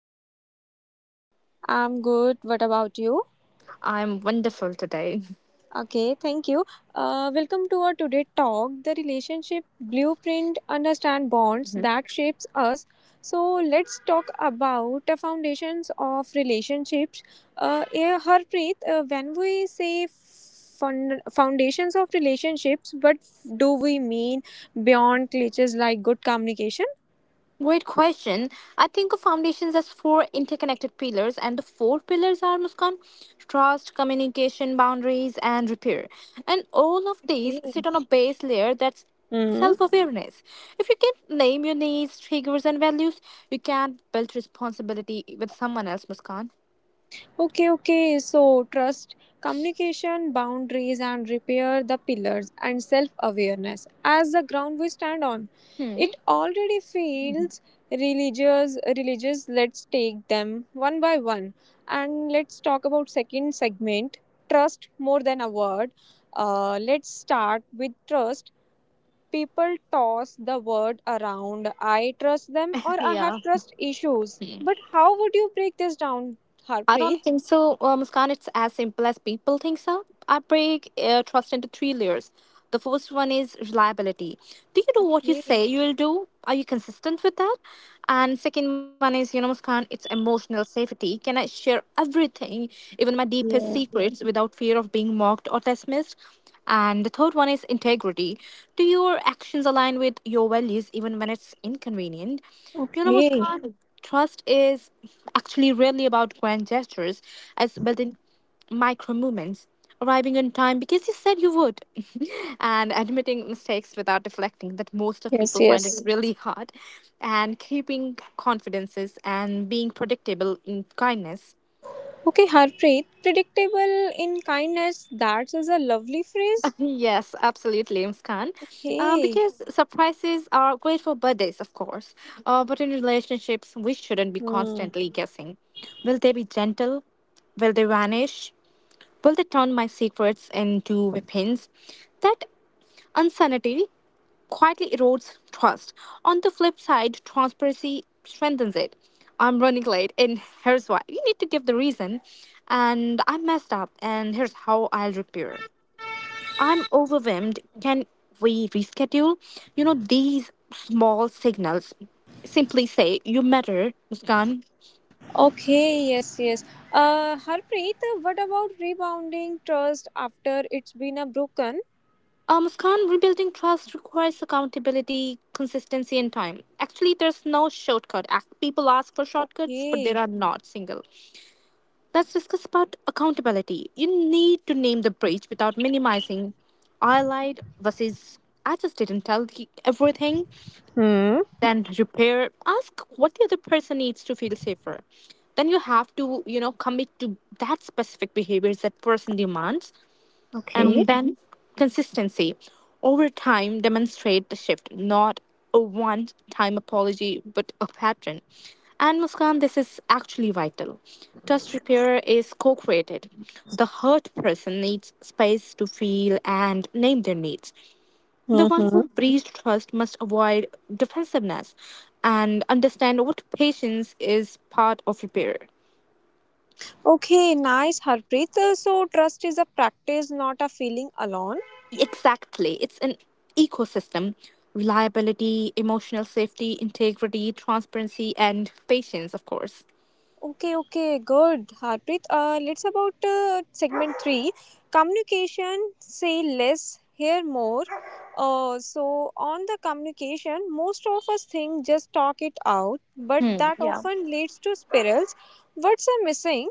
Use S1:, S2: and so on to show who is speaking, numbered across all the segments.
S1: Muskan. How's you?
S2: I'm good. What about you?
S1: I'm wonderful today.
S2: Okay, thank you. Welcome to our today talk, the relationship blueprint, understand bonds
S1: Mhm.
S2: that shapes us. So let's talk about the foundations of relationships. Yeah, Harpreet, when we say foundations of relationships, what do we mean beyond cliches like good communication?
S1: Great question. I think of foundations as four interconnected pillars, and the four pillars are Muskan, trust, communication, boundaries, and repair. And all of these
S2: Okay.
S1: sit on a base layer that's
S2: Hmm.
S1: self awareness. If you can name your needs, triggers, and values, you can build responsibility with someone else, Muskan.
S2: Okay, okay. So, trust, communication, boundaries, and repair the pillars and self awareness as the ground we stand on.
S1: Hmm.
S2: It already feels religious. Religious, let's take them one by one. And let's talk about second segment trust more than a word. Let's start with trust. People toss the word around. I trust them or I have
S1: Yeah.
S2: trust issues. But how would you break this down,
S1: I
S2: Harpreet?
S1: don't think so, Muskan. It's as simple as people think so. I break trust into three layers. The first one is reliability. Do you do what you
S2: Okay.
S1: say you'll do? Are you consistent with that? And second one is, you know, Muskan, it's emotional safety. Can I share everything, even my deepest
S2: Yeah.
S1: secrets, without fear of being mocked or dismissed? And the third one is integrity. Do your actions align with your values, even when it's inconvenient? You know,
S2: Okay.
S1: Muskan, okay, trust is actually rarely about grand gestures as well in micro movements. Arriving on time because you said you would, and admitting mistakes without deflecting that most of
S2: Yes,
S1: people find it
S2: yes.
S1: really hard, and keeping confidences and being predictable in kindness.
S2: Okay, Harpreet, predictable in kindness, that is a lovely phrase.
S1: Yes, absolutely, Muskan.
S2: Okay.
S1: Because surprises are great for birthdays, of course. But in relationships, we shouldn't be
S2: Hmm.
S1: constantly guessing. Will they be gentle? Will they vanish? Will they turn my secrets into weapons? That uncertainty quietly erodes trust. On the flip side, transparency strengthens it. I'm running late, and here's why. You need to give the reason, and I messed up, and here's how I'll repair. I'm overwhelmed. Can we reschedule? You know, these small signals simply say, "You matter, Muskan."
S2: Okay, yes, yes. Harpreet, what about rebounding trust after it's been a broken?
S1: Muskan, rebuilding trust requires accountability, consistency, and time. Actually, there's no shortcut. People ask for shortcuts, but there
S2: Okay.
S1: are not single. Let's discuss about accountability. You need to name the breach without minimizing. I lied versus I just didn't tell everything.
S2: Hmm.
S1: Then repair, ask what the other person needs to feel safer, then you have to, you know, commit to that specific behaviors that person demands,
S2: Okay.
S1: and then consistency over time demonstrate the shift, not a one time apology but a pattern. And Muskan, this is actually vital. Trust repair is co-created. The hurt person needs space to feel and name their needs. The one
S2: Mm-hmm.
S1: who breeds trust must avoid defensiveness and understand what patience is part of repair.
S2: Okay, nice, Harpreet. So, trust is a practice, not a feeling alone.
S1: Exactly. It's an ecosystem. Reliability, emotional safety, integrity, transparency, and patience, of course.
S2: Okay, okay, good, Harpreet. Let's about segment three, communication. Say less, hear more. So on the communication, most of us think just talk it out, but that
S1: Yeah.
S2: often leads to spirals. What's a missing?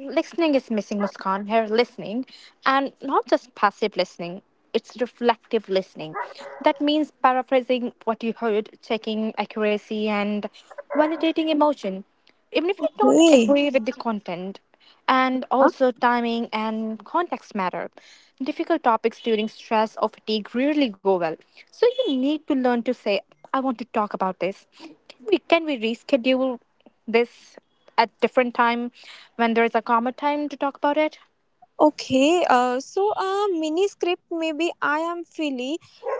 S1: Listening is missing, Muskan. Here, listening, and not just passive listening. It's reflective listening. That means paraphrasing what you heard, checking accuracy, and validating emotion, even if you don't
S2: Hey,
S1: agree with the content. And
S2: huh?
S1: also, timing and context matter. Difficult topics during stress or fatigue rarely go well. So, you need to learn to say, I want to talk about this. Can we reschedule this? At different time, when there is a calmer time to talk about it.
S2: Okay, so a mini script maybe I am feeling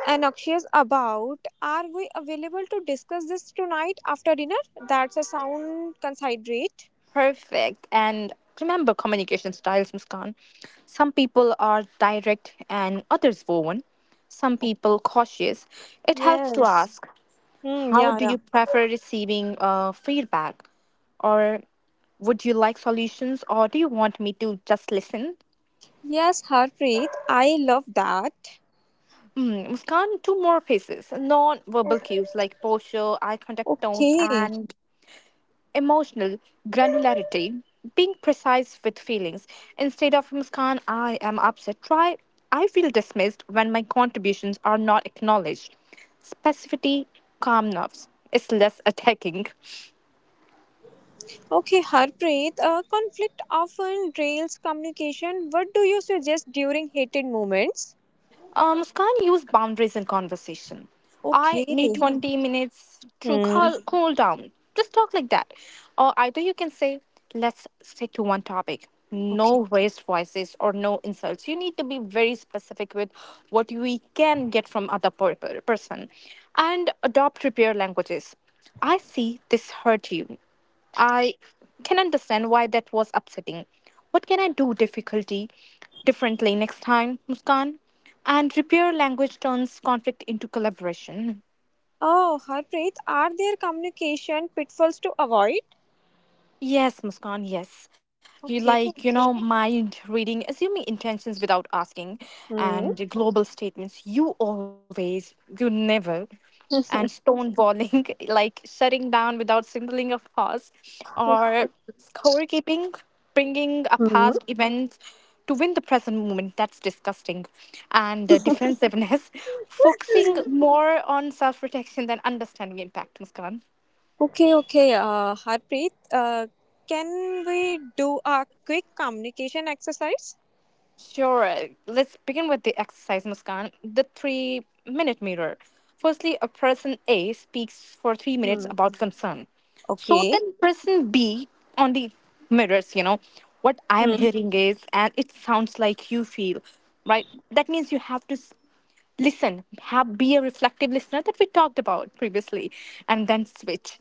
S2: anxious about. Are we available to discuss this tonight after dinner? That's a sound considerate.
S1: Perfect. And remember communication styles, Muskan. Some people are direct and others woven, some people cautious. It helps to
S2: Yes.
S1: ask,
S2: Hmm.
S1: how
S2: yeah,
S1: do
S2: yeah.
S1: you prefer receiving feedback, or would you like solutions, or do you want me to just listen?
S2: Yes, Harpreet, I love that.
S1: Mm, Muskan, two more pieces. Non verbal cues like posture, eye contact tone,
S2: Okay.
S1: and emotional granularity, being precise with feelings. Instead of Muskan, I am upset, try I feel dismissed when my contributions are not acknowledged. Specificity, calm nerves is less attacking.
S2: Okay, Harpreet, conflict often derails communication. What do you suggest during heated moments?
S1: Muskan, use boundaries in conversation. I
S2: Okay.
S1: need 20 minutes to
S2: Hmm.
S1: cool down. Just talk like that. Or either you can say, let's stick to one topic.
S2: Okay.
S1: No raised voices or no insults. You need to be very specific with what we can get from other person. And adopt repair languages. I see this hurt you. I can understand why that was upsetting. What can I do difficulty differently next time, Muskan? And repair language turns conflict into collaboration.
S2: Oh, Harpreet, are there communication pitfalls to avoid?
S1: Yes, Muskan, yes. You
S2: Okay.
S1: like, you know, mind reading, assuming intentions without asking,
S2: Hmm.
S1: and the global statements. You always, you never, and stonewalling, like shutting down without signaling a pause,
S2: Okay.
S1: or scorekeeping, bringing a
S2: Hmm.
S1: past event to win the present moment. That's disgusting. And defensiveness, focusing more on self protection than understanding impact, Muskan.
S2: Okay, okay, Harpreet, can we do a quick communication exercise?
S1: Sure. Let's begin with the exercise, Muskan. The 3-minute mirror. Firstly, a person A speaks for 3 minutes
S2: Hmm.
S1: about concern. So
S2: Okay.
S1: then, person B on the mirrors, you know, what I am hearing is, and it sounds like you feel, right? That means you have to listen, have, be a reflective listener that we talked about previously, and then switch.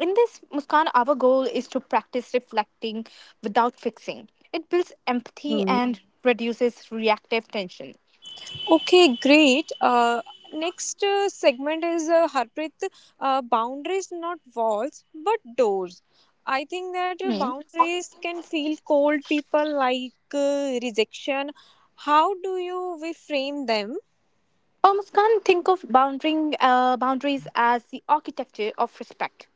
S1: In this, Muskan, our goal is to practice reflecting without fixing. It builds empathy
S2: Hmm.
S1: and reduces reactive tension.
S2: Okay, great. Next segment is Harpreet. Boundaries, not walls, but doors. I think that boundaries can feel cold. People like rejection. How do you reframe them?
S1: For Muskan, think of boundaries as the architecture of respect.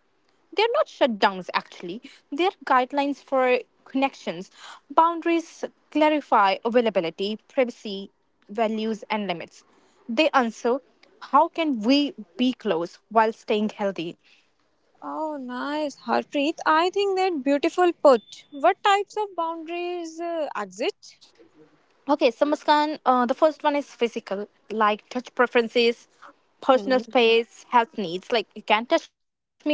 S1: They're not shutdowns, actually, they're guidelines for connections. Boundaries clarify availability, privacy, values, and limits. They answer, how can we be close while staying healthy?
S2: Oh, nice, Harpreet. I think that beautiful put. What types of boundaries exist?
S1: Okay, so Muskan, the first one is physical, like touch preferences, personal
S2: Hmm.
S1: space, health needs. Like you can't touch me here.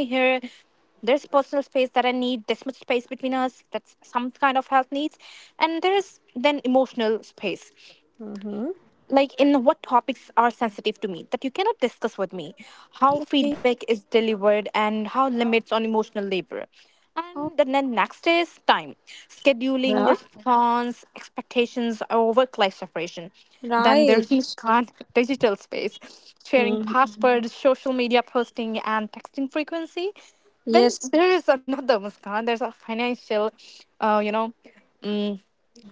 S1: There's personal space that I need. This much space between us. That's some kind of health needs, and there is then emotional space,
S2: Mm-hmm.
S1: like in what topics are sensitive to me that you cannot discuss with me, how
S2: Okay.
S1: feedback is delivered, and how limits on emotional labor.
S2: Oh,
S1: And then next is time, scheduling
S2: yeah.
S1: response expectations or work life separation. Then there's
S2: Right.
S1: Muskan, digital space, sharing
S2: Hmm.
S1: passwords, social media posting, and texting frequency. Then
S2: Yes.
S1: there is another, Muskan, there's a financial, uh, you know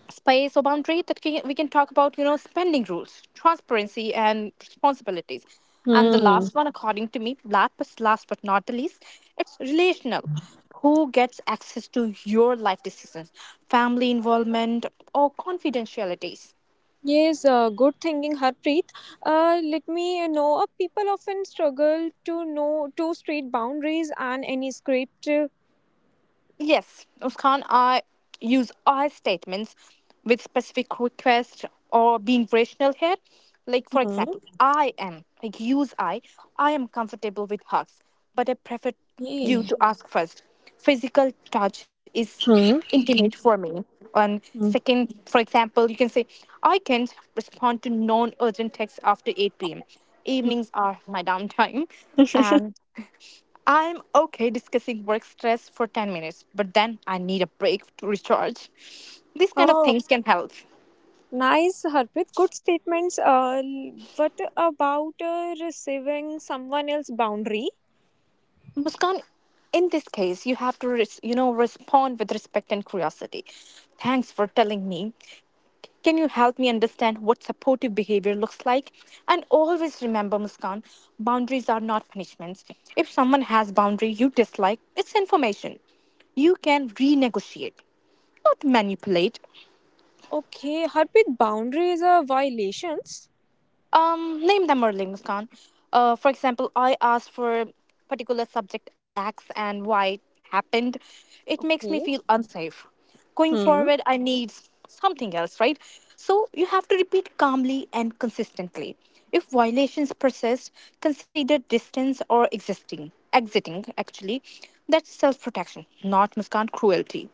S1: space or boundary that can, we can talk about, you know, spending rules, transparency, and responsibilities. And the
S2: Hmm.
S1: last one according to me, last but not the least, it's relational. Who gets access to your life decisions, family involvement, or confidentialities?
S2: Yes, good thinking, Harpreet. Let me know. People often struggle to know to straight boundaries and any script.
S1: Yes, Muskan, I use I statements with specific request or being rational here. Like, for
S2: Hmm.
S1: example, I am, like, use I am comfortable with hugs, but I prefer you
S2: Yeah.
S1: to ask first. Physical touch is
S2: Hmm.
S1: intimate for me. And
S2: Hmm.
S1: second, for example, you can say, I can respond to non urgent texts after 8 p.m. Evenings are my downtime. And I'm okay discussing work stress for 10 minutes, but then I need a break to recharge. These kind of
S2: Oh,
S1: things can help.
S2: nice, Harpreet. Good statements. What about receiving someone else's boundary?
S1: Muskan, in this case, you have to, you know, respond with respect and curiosity. Thanks for telling me. Can you help me understand what supportive behavior looks like? And always remember, Muskan, boundaries are not punishments. If someone has boundary you dislike, it's information. You can renegotiate, not manipulate.
S2: Okay, Harpreet, boundary is a violations.
S1: Name them or links, Khan. For example, I asked for particular subject X and why it happened. It makes me
S2: Okay.
S1: feel unsafe. Going forward, I need something else, right? So you have to repeat calmly and consistently. If violations persist, consider distance or exiting actually. That's self-protection, not Muskan cruelty.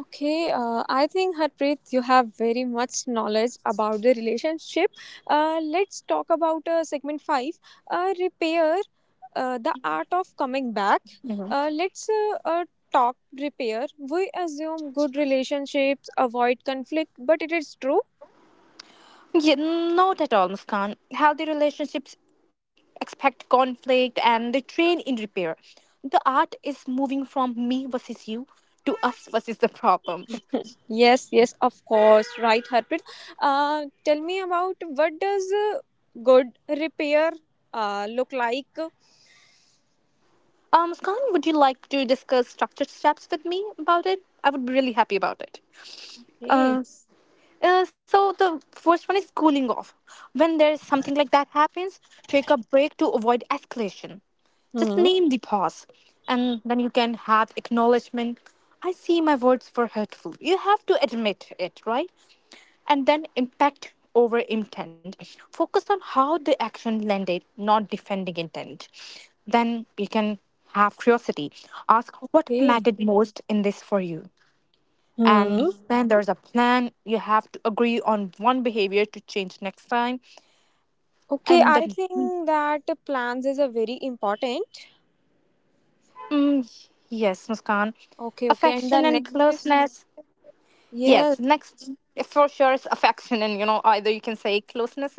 S2: Okay, I think Harpreet, you have very much knowledge about the relationship. Let's talk about segment five, repair, the art of coming back. Let's talk repair. We assume good relationships avoid conflict, but it is true.
S1: Yeah, not at all, Muskan. Healthy relationships expect conflict and they train in repair. The art is moving from me versus you to us versus the problem.
S2: Yes, yes, of course, right, Harpreet. Tell me about what does good repair look like?
S1: Muskan, would you like to discuss structured steps with me about it? I would be really happy about it.
S2: Okay.
S1: Uh, so the first one is cooling off. When there's something like that happens, take a break to avoid escalation. Just
S2: Hmm.
S1: name the pause, and then you can have acknowledgement. I see my words were hurtful. You have to admit it, right? And then impact over intent. Focus on how the action landed, not defending intent. Then you can have curiosity. Ask what
S2: Okay.
S1: mattered most in this for you, and
S2: Hmm.
S1: then there's a plan, you have to agree on one behavior to change next time.
S2: Okay,
S1: And
S2: I think that plans is a very important.
S1: mm, yes, Muskan,
S2: Okay, okay. And the
S1: affection and
S2: next is
S1: closeness. Yes,
S2: yes.
S1: next for sure is affection, and you know, either you can say closeness.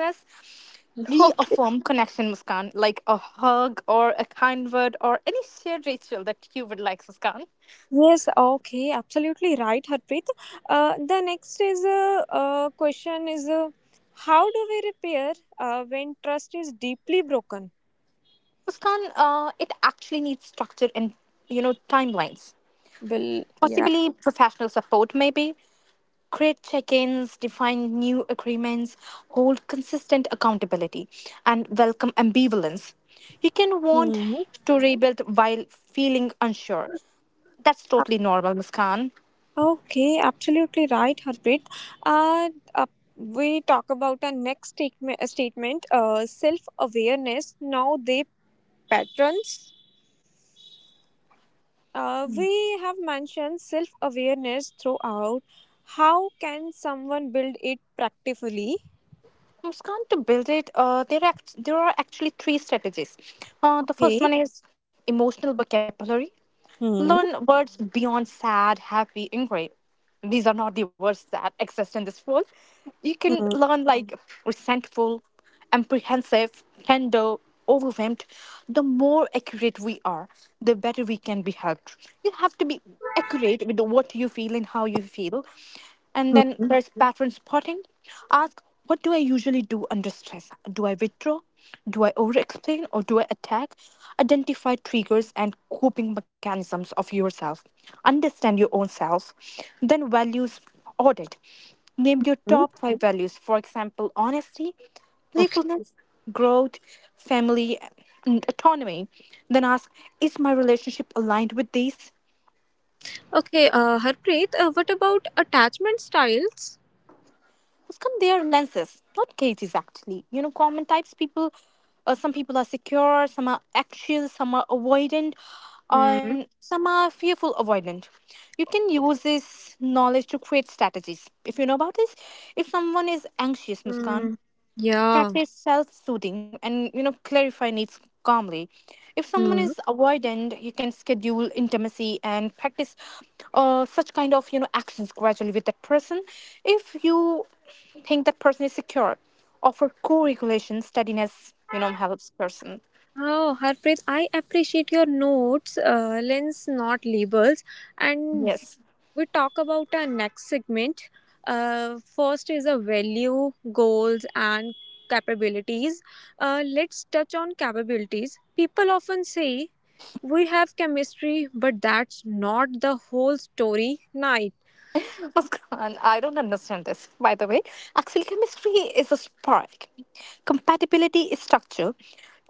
S2: Okay.
S1: Reaffirm connection, Muskan, like a hug or a kind word or any shared ritual that you would like, Muskan.
S2: Yes, okay. Absolutely right, Harpreet. The next is a question is how do we repair when trust is deeply broken?
S1: Muskan, it actually needs structure and, you know, timelines,
S2: Well, yeah.
S1: possibly professional support maybe. Create check-ins, define new agreements, hold consistent accountability, and welcome ambivalence. You can want
S2: Hmm.
S1: to rebuild while feeling unsure. That's totally normal, Muskan.
S2: Okay, absolutely right, Harpreet. Uh, uh, we talk about our next statement, statement self awareness. Now, they patterns. We have mentioned self awareness throughout. How can someone build it practically?
S1: Muskan, to build it, there are actually three strategies. The
S2: Okay.
S1: first one is emotional vocabulary.
S2: Hmm.
S1: Learn words beyond sad, happy, and great. These are not the words that exist in this world. You can
S2: Hmm.
S1: learn like resentful, apprehensive, tender, overwhelmed. The more accurate we are, the better we can be helped. You have to be accurate with what you feel and how you feel. And then
S2: Hmm.
S1: there's pattern spotting. Ask, what do I usually do under stress? Do I withdraw? Do I over explain or do I attack? Identify triggers and coping mechanisms of yourself. Understand your own self. Then, values audit. Name your
S2: Hmm.
S1: top five values. For example, honesty,
S2: Okay.
S1: playfulness, growth, family, and autonomy. Then ask, is my relationship aligned with these?
S2: Okay, Harpreet, what about attachment styles?
S1: Scan their lenses, not cages actually. You know, common types people, some people are secure, some are anxious, some are avoidant,
S2: Hmm.
S1: and some are fearful avoidant. You can use this knowledge to create strategies. If you know about this, if someone is anxious,
S2: Hmm.
S1: Muskan,
S2: Yeah.
S1: practice self-soothing and, you know, clarify needs calmly. If someone
S2: Hmm.
S1: is avoidant, you can schedule intimacy and practice such kind of, you know, actions gradually with that person. If you think that person is secure, offer co-regulation steadiness, you know, helps person.
S2: Oh, Harpreet, I appreciate your notes, lens, not labels. And
S1: Yes,
S2: we talk about our next segment. First is a value, goals, and capabilities. Let's touch on capabilities. People often say we have chemistry, but that's not the whole story. Night.
S1: Muskan, I don't understand this, by the way. Actually, chemistry is a spark. Compatibility is structure.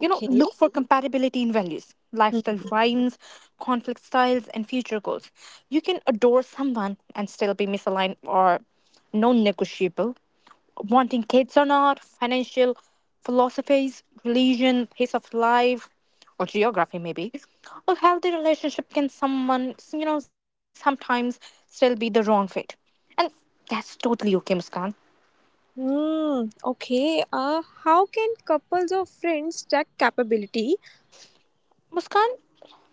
S1: You know, look for compatibility in values, lifestyle
S2: Hmm.
S1: rhymes, conflict styles, and future goals. You can adore someone and still be misaligned or non negotiable, wanting kids or not, financial philosophies, religion, pace of life, or geography maybe. A healthy relationship can someone, you know, sometimes still be the wrong fit, and that's totally okay, Muskan.
S2: Hmm. Okay. How can couples or friends check capability?
S1: Muskan,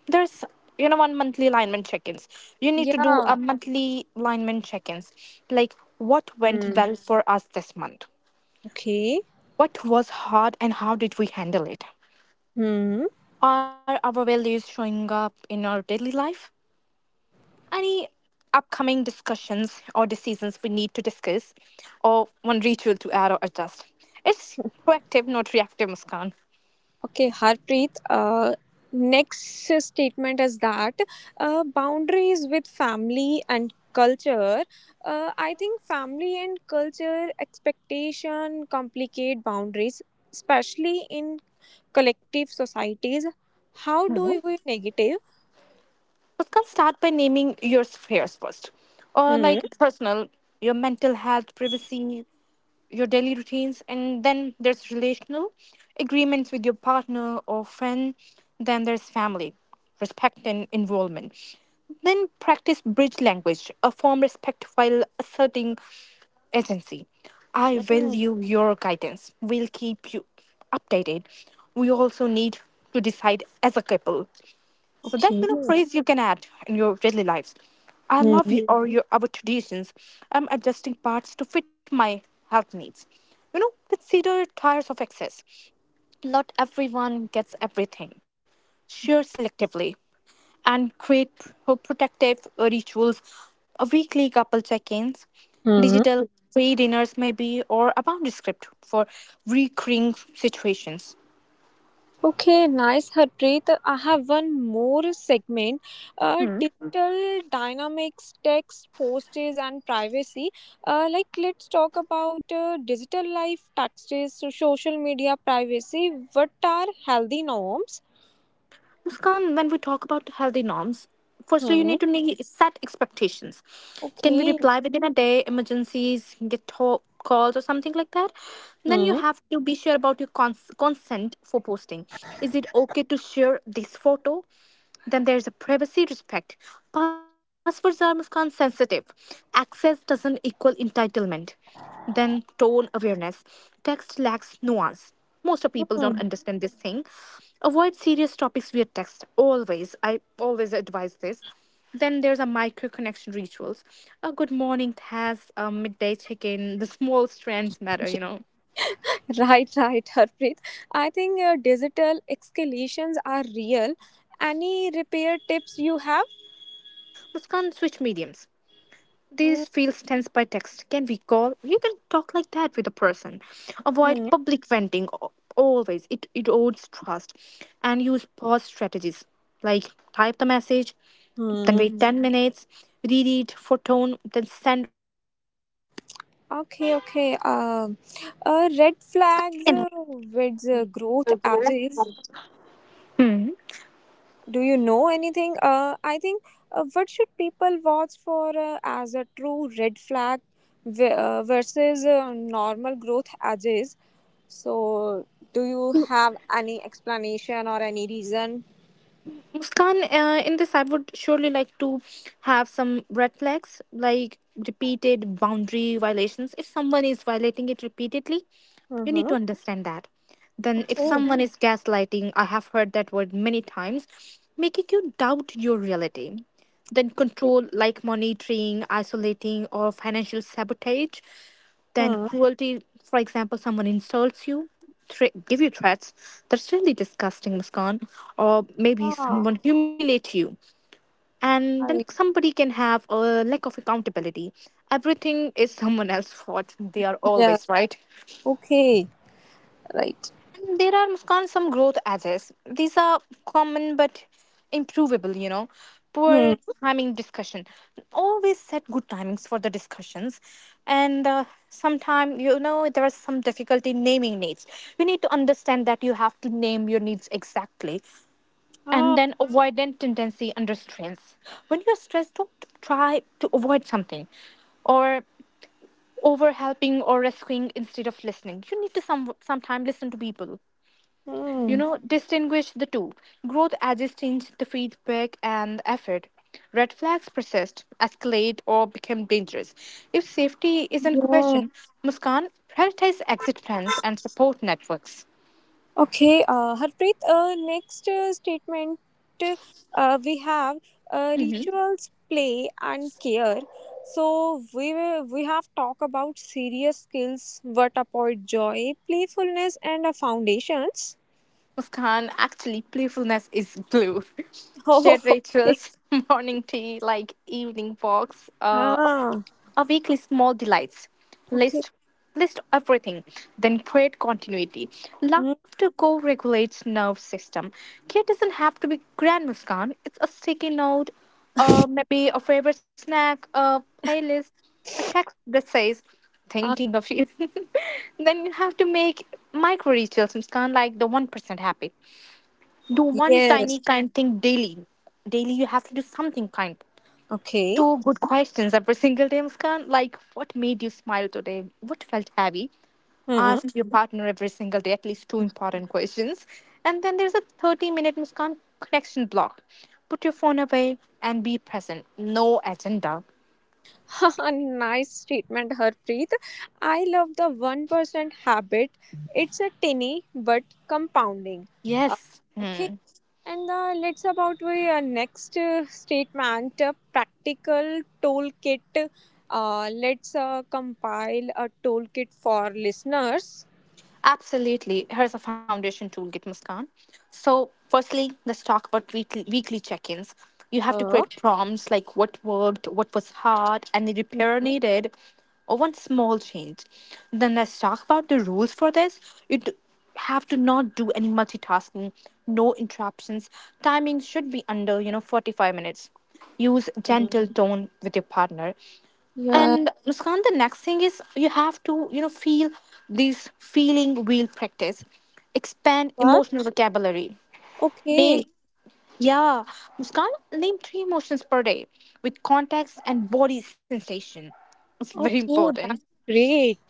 S1: there's, you know, one monthly alignment check-ins. You need to do
S2: Yeah.
S1: a monthly alignment check-ins, like what went
S2: Hmm.
S1: well for us this month,
S2: Okay.
S1: what was hard, and how did we handle it.
S2: Hmm.
S1: Are our values showing up in our daily life? Any upcoming discussions or decisions we need to discuss, or one ritual to add or adjust? It's proactive, not reactive, Muskan.
S2: Okay, Harpreet. Next statement is that boundaries with family and culture. I think family and culture expectation complicate boundaries, especially in collective societies. How do
S1: Mhm.
S2: we negative?
S1: Muskan, start by naming your spheres first, or
S2: Hmm.
S1: like personal, your mental health, privacy, your daily routines, and then there's relational agreements with your partner or friend, then there's family respect and involvement. Then practice bridge language, a form respect while asserting agency. I
S2: Mm,
S1: value your guidance, we'll keep you updated, we also need to decide as a couple, so that
S2: okay.
S1: kind of phrase you can add in your daily lives. I love
S2: Hmm.
S1: you or your our traditions. I'm adjusting parts to fit my health needs. You know, consider tires of excess. Not everyone gets everything. Share selectively and create protective rituals, a weekly couple check-ins,
S2: Hmm.
S1: digital free dinners maybe, or a boundary script for recurring situations.
S2: Okay, nice, Harpreet. I have one more segment. Digital dynamics, text, postage, and privacy. Like, let's talk about digital life, taxes, so social media privacy. What are healthy norms?
S1: Muskan, when we talk about healthy norms, firstly, you
S2: Hmm.
S1: need to need set expectations. Can we
S2: Okay.
S1: reply within a day, emergencies, get to- calls, or something like that? Then you
S2: Hmm.
S1: have to be sure about your consent for posting. Is it okay to share this photo? Then there's a privacy respect. Passwords are Muskan sensitive. Access doesn't equal entitlement. Then tone awareness. Text lacks nuance, most of people don't
S2: Hmm.
S1: understand this thing. Avoid serious topics via text always, I always advise this. Then there's a micro connection rituals, a good morning task, a midday check-in, the small strands matter, you know.
S2: Right, right, Harpreet. I think digital escalations are real. Any repair tips you have?
S1: Let's can switch mediums. This
S2: Hmm.
S1: feels tense by text. Can we call? You can talk like that with a person. Avoid
S2: Hmm.
S1: public venting always. It erodes trust. And use pause strategies, like type the message, then
S2: Hmm.
S1: wait 10 minutes, read it for tone, then send.
S2: Okay, okay. Red flags
S3: Hmm.
S2: with growth edges. Do you know anything? I think what should people watch for as a true red flag versus normal growth edges? So, do you have any explanation or any reason?
S3: Muskan, in this, I would surely like to have some red flags like repeated boundary violations. If someone is violating it repeatedly, you need
S2: Mm-hmm.
S3: to understand that. Then, if
S2: Okay.
S3: someone is gaslighting, I have heard that word many times, making you doubt your reality. Then, control like monitoring, isolating, or financial sabotage. Then
S2: Hmm.
S3: cruelty, for example, someone insults you, give you threats. That's really disgusting, Muskan. Or maybe
S2: Ah,
S3: someone humiliates you, and then
S2: I,
S3: somebody can have a lack of accountability. Everything is someone else's fault. They are
S2: yeah.
S3: always right.
S2: Okay. Right.
S3: There are, Muskan, some growth edges. These are common but improvable, you know.
S2: Hmm.
S3: Poor timing discussion. Always set good timings for the discussions. And sometimes, you know, there is some difficulty naming needs. You need to understand that you have to name your needs exactly, and
S2: Ah.
S3: then avoidant tendency under stress. When you're stressed, don't try to avoid something, or over helping or rescuing instead of listening. You need to sometime listen to people, you
S2: Hmm.
S3: know, distinguish the two. Growth edges change the feedback and effort. Red flags persist, escalate, or become dangerous. If safety is in question, Muskan, prioritize exit plans and support networks.
S2: Okay, Harpreet, next statement we have
S3: Mhm.
S2: rituals, play, and care. So we have talked about serious skills, what about joy, playfulness, and foundations.
S3: Muskan, actually, playfulness is glue.
S2: Oh,
S3: Shared
S2: okay.
S3: rituals, morning tea, like evening walks,
S2: Ah,
S3: a weekly small delights.
S2: okay.
S3: List List everything, then create continuity.
S2: Mm,
S3: Laughter co-regulates nerve system. Care doesn't have to be grand, Muskan. It's a sticky note, or maybe a favorite snack, a playlist, a text that says
S2: ah,
S3: thinking of you. Then you have to make micro rituals, Muskan, like the 1% habit. Do one tiny
S2: yes.
S3: kind thing daily. Daily, you have to do something kind.
S2: Okay.
S3: Two good questions every single day, Muskan. Like, what made you smile today? What felt heavy?
S2: Hmm.
S3: Ask your partner every single day at least two important questions. And then there's a 30-minute Muskan connection block. Put your phone away and be present. No agenda.
S2: Nice statement, Harpreet. I love the 1% habit. It's a tiny but compounding. Uh,
S3: Yes.
S2: okay
S3: Hmm.
S2: and let's about we next statement practical toolkit. Let's compile a toolkit for listeners.
S3: Absolutely. Here's a foundation toolkit, Muskan. So, firstly, let's talk about weekly check ins. You have to
S2: Uh,
S3: create prompts like what worked, what was hard, any repair
S2: Mhm.
S3: needed, or one small change. Then, let's talk about the rules for this. You d- have to not do any multitasking, no interruptions. Timing should be under, you know, 45 minutes. Use gentle
S2: Mhm.
S3: tone with your partner.
S2: Yeah.
S3: And Muskan, the next thing is you have to, you know, feel these feeling wheel practice. Expand
S2: What?
S3: emotional vocabulary. Name,
S2: Okay,
S3: yeah, Muskan, name three emotions per day with context and body sensation. It's very
S2: okay,
S3: important.
S2: that's great.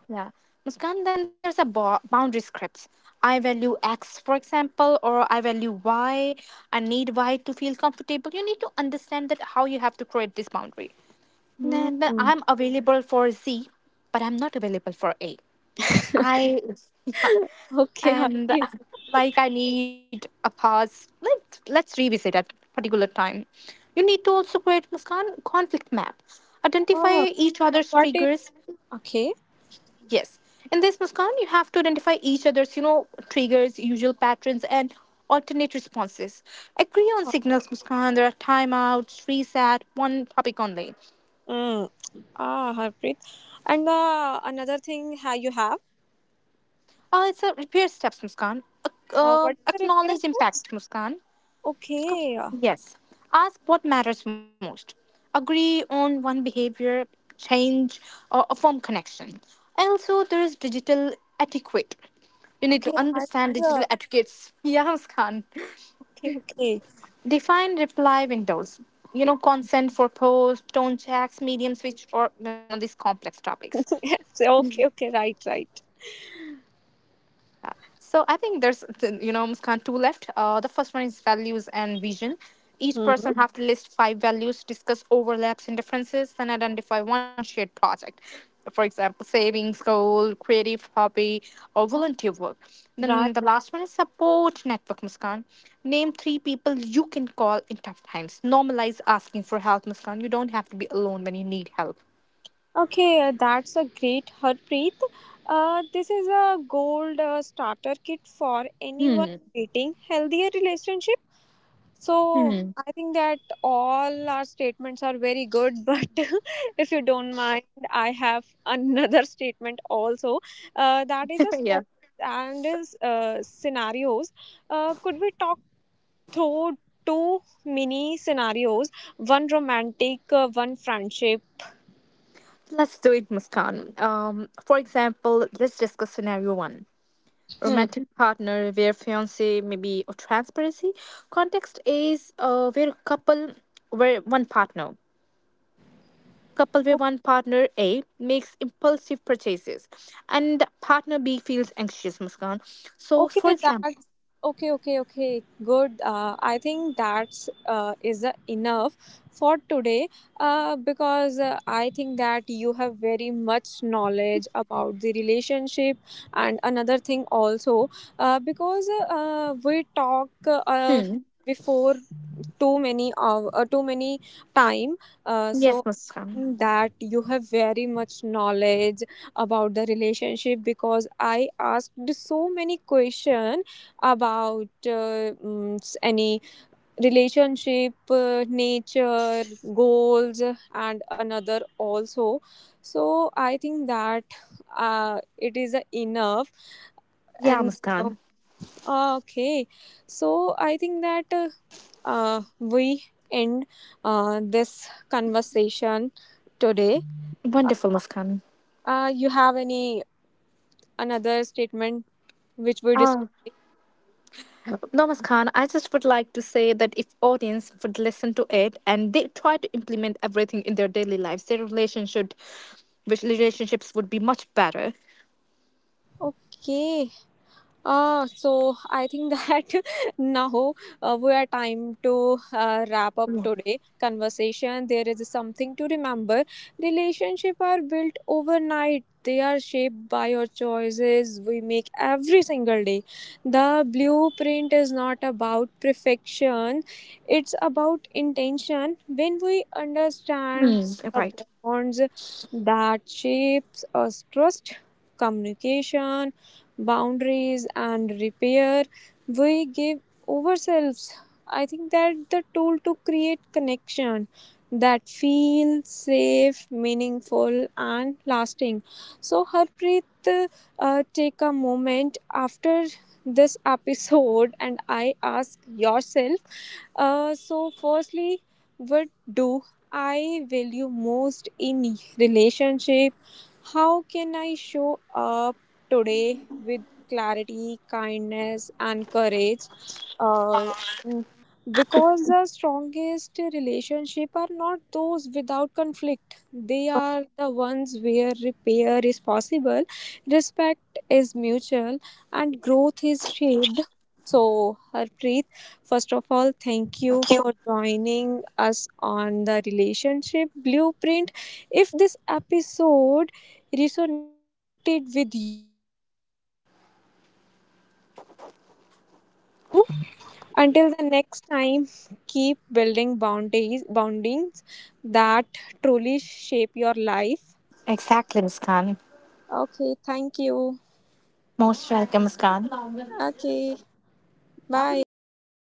S3: Yeah. Muskan, then there's a boundary scripts. I value X, for example, or I value Y. I need Y to feel comfortable. You need to understand that how you have to create this boundary. Then but
S2: Hmm.
S3: I'm available for Z, but I'm not available for A. I
S2: Okay,
S3: and
S2: Harpreet.
S3: Like, I need a pause. Let's revisit at particular time. You need to also create Muskan conflict map. Identify
S2: Ah,
S3: each other's
S2: what?
S3: triggers.
S2: Okay.
S3: Yes. In this Muskan, you have to identify each other's, you know, triggers, usual patterns, and alternate responses. Agree on signals, Muskan. There are timeouts, reset, one topic only.
S2: Mm. Ah, Harpreet. And the another thing you have,
S3: It's a repair steps, Muskan.
S2: what is the repair
S3: Acknowledge
S2: steps?
S3: impact, Muskan. Disco-
S2: Okay.
S3: Yes. Ask what matters most. Agree on one behavior, change, or a form connection. Also, there is digital etiquette. You need to
S2: Okay. I
S3: understand
S2: think,
S3: digital etiquettes. Yeah, Muskan.
S2: okay. Okay.
S3: Define reply windows. You know, consent for posts, tone checks, medium switch, or you know these complex topics.
S2: Yes. Okay. Okay. Right. Right.
S3: So I think there's, you know, Muskan, two left. The first one is values and vision. Each person
S2: Hmm.
S3: have to list five values, discuss overlaps and differences, and identify one shared project. For example, savings goal, creative hobby, or volunteer work.
S2: Right.
S3: Then the last one is support network, Muskan. Name three people you can call in tough times. Normalize asking for help, Muskan. You don't have to be alone when you need help.
S2: Okay. That's a great Harpreet. This is a gold starter kit for anyone creating healthier relationship. So I think that all our statements are very good, but if you don't mind, I have another statement also. That is a
S3: Yeah.
S2: story and is scenarios. Could we talk through two mini scenarios? One romantic, one friendship.
S3: Let's do it, Muskan. For example, let's discuss scenario one.
S2: Hmm.
S3: Romantic partner where fiance maybe or transparency. Context is where where one partner couple where one partner A makes impulsive purchases and partner B feels anxious, Muskan. So for
S2: Okay,
S3: example,
S2: that's okay, okay, okay. Good. I think that's is enough for today. Because I think that you have very much knowledge about the relationship, and another thing also, because we talk
S3: hmm,
S2: before too many time,
S3: yes
S2: so
S3: Muskan,
S2: that you have very much knowledge about the relationship because I asked so many question about any relationship nature, goals, and another also. So I think that it is enough,
S3: yeah
S2: and um,
S3: Muskan,
S2: ah, okay, so I think that we end this conversation today. Uh,
S3: wonderful Muskan.
S2: you have any another statement which we describe?
S3: Namaskar. I just would like to say that if audience would listen to it and they try to implement everything in their daily lives, their relationship, which relationships would be much better.
S2: Okay. So I think that now we are time to wrap up
S3: Yeah.
S2: today conversation. There is something to remember. Relationship are built overnight. They are shaped by your choices we make every single day. The blueprint is not about perfection. It's about intention. When we understand
S3: Hmm,
S2: the
S3: right.
S2: bonds that shapes us trust, communication, boundaries and repair we give ourselves I think that the tool to create connection that feel safe meaningful and lasting. So Harpreet, take a moment after this episode and I ask yourself, so firstly, what do I value most in relationship? How can I show up today with clarity, kindness, and courage. Uh, because the strongest relationship are not those without conflict. They are the ones where repair is possible, respect is mutual, and growth is shaped. So, Harpreet, first of all, thank you for joining us on the relationship blueprint. If this episode resonated with you,
S4: Until the next time, keep building boundaries, boundings that truly shape your life.
S3: Exactly, Muskan.
S4: Okay, thank you.
S3: Most welcome, Muskan.
S4: Okay, bye.
S3: Bye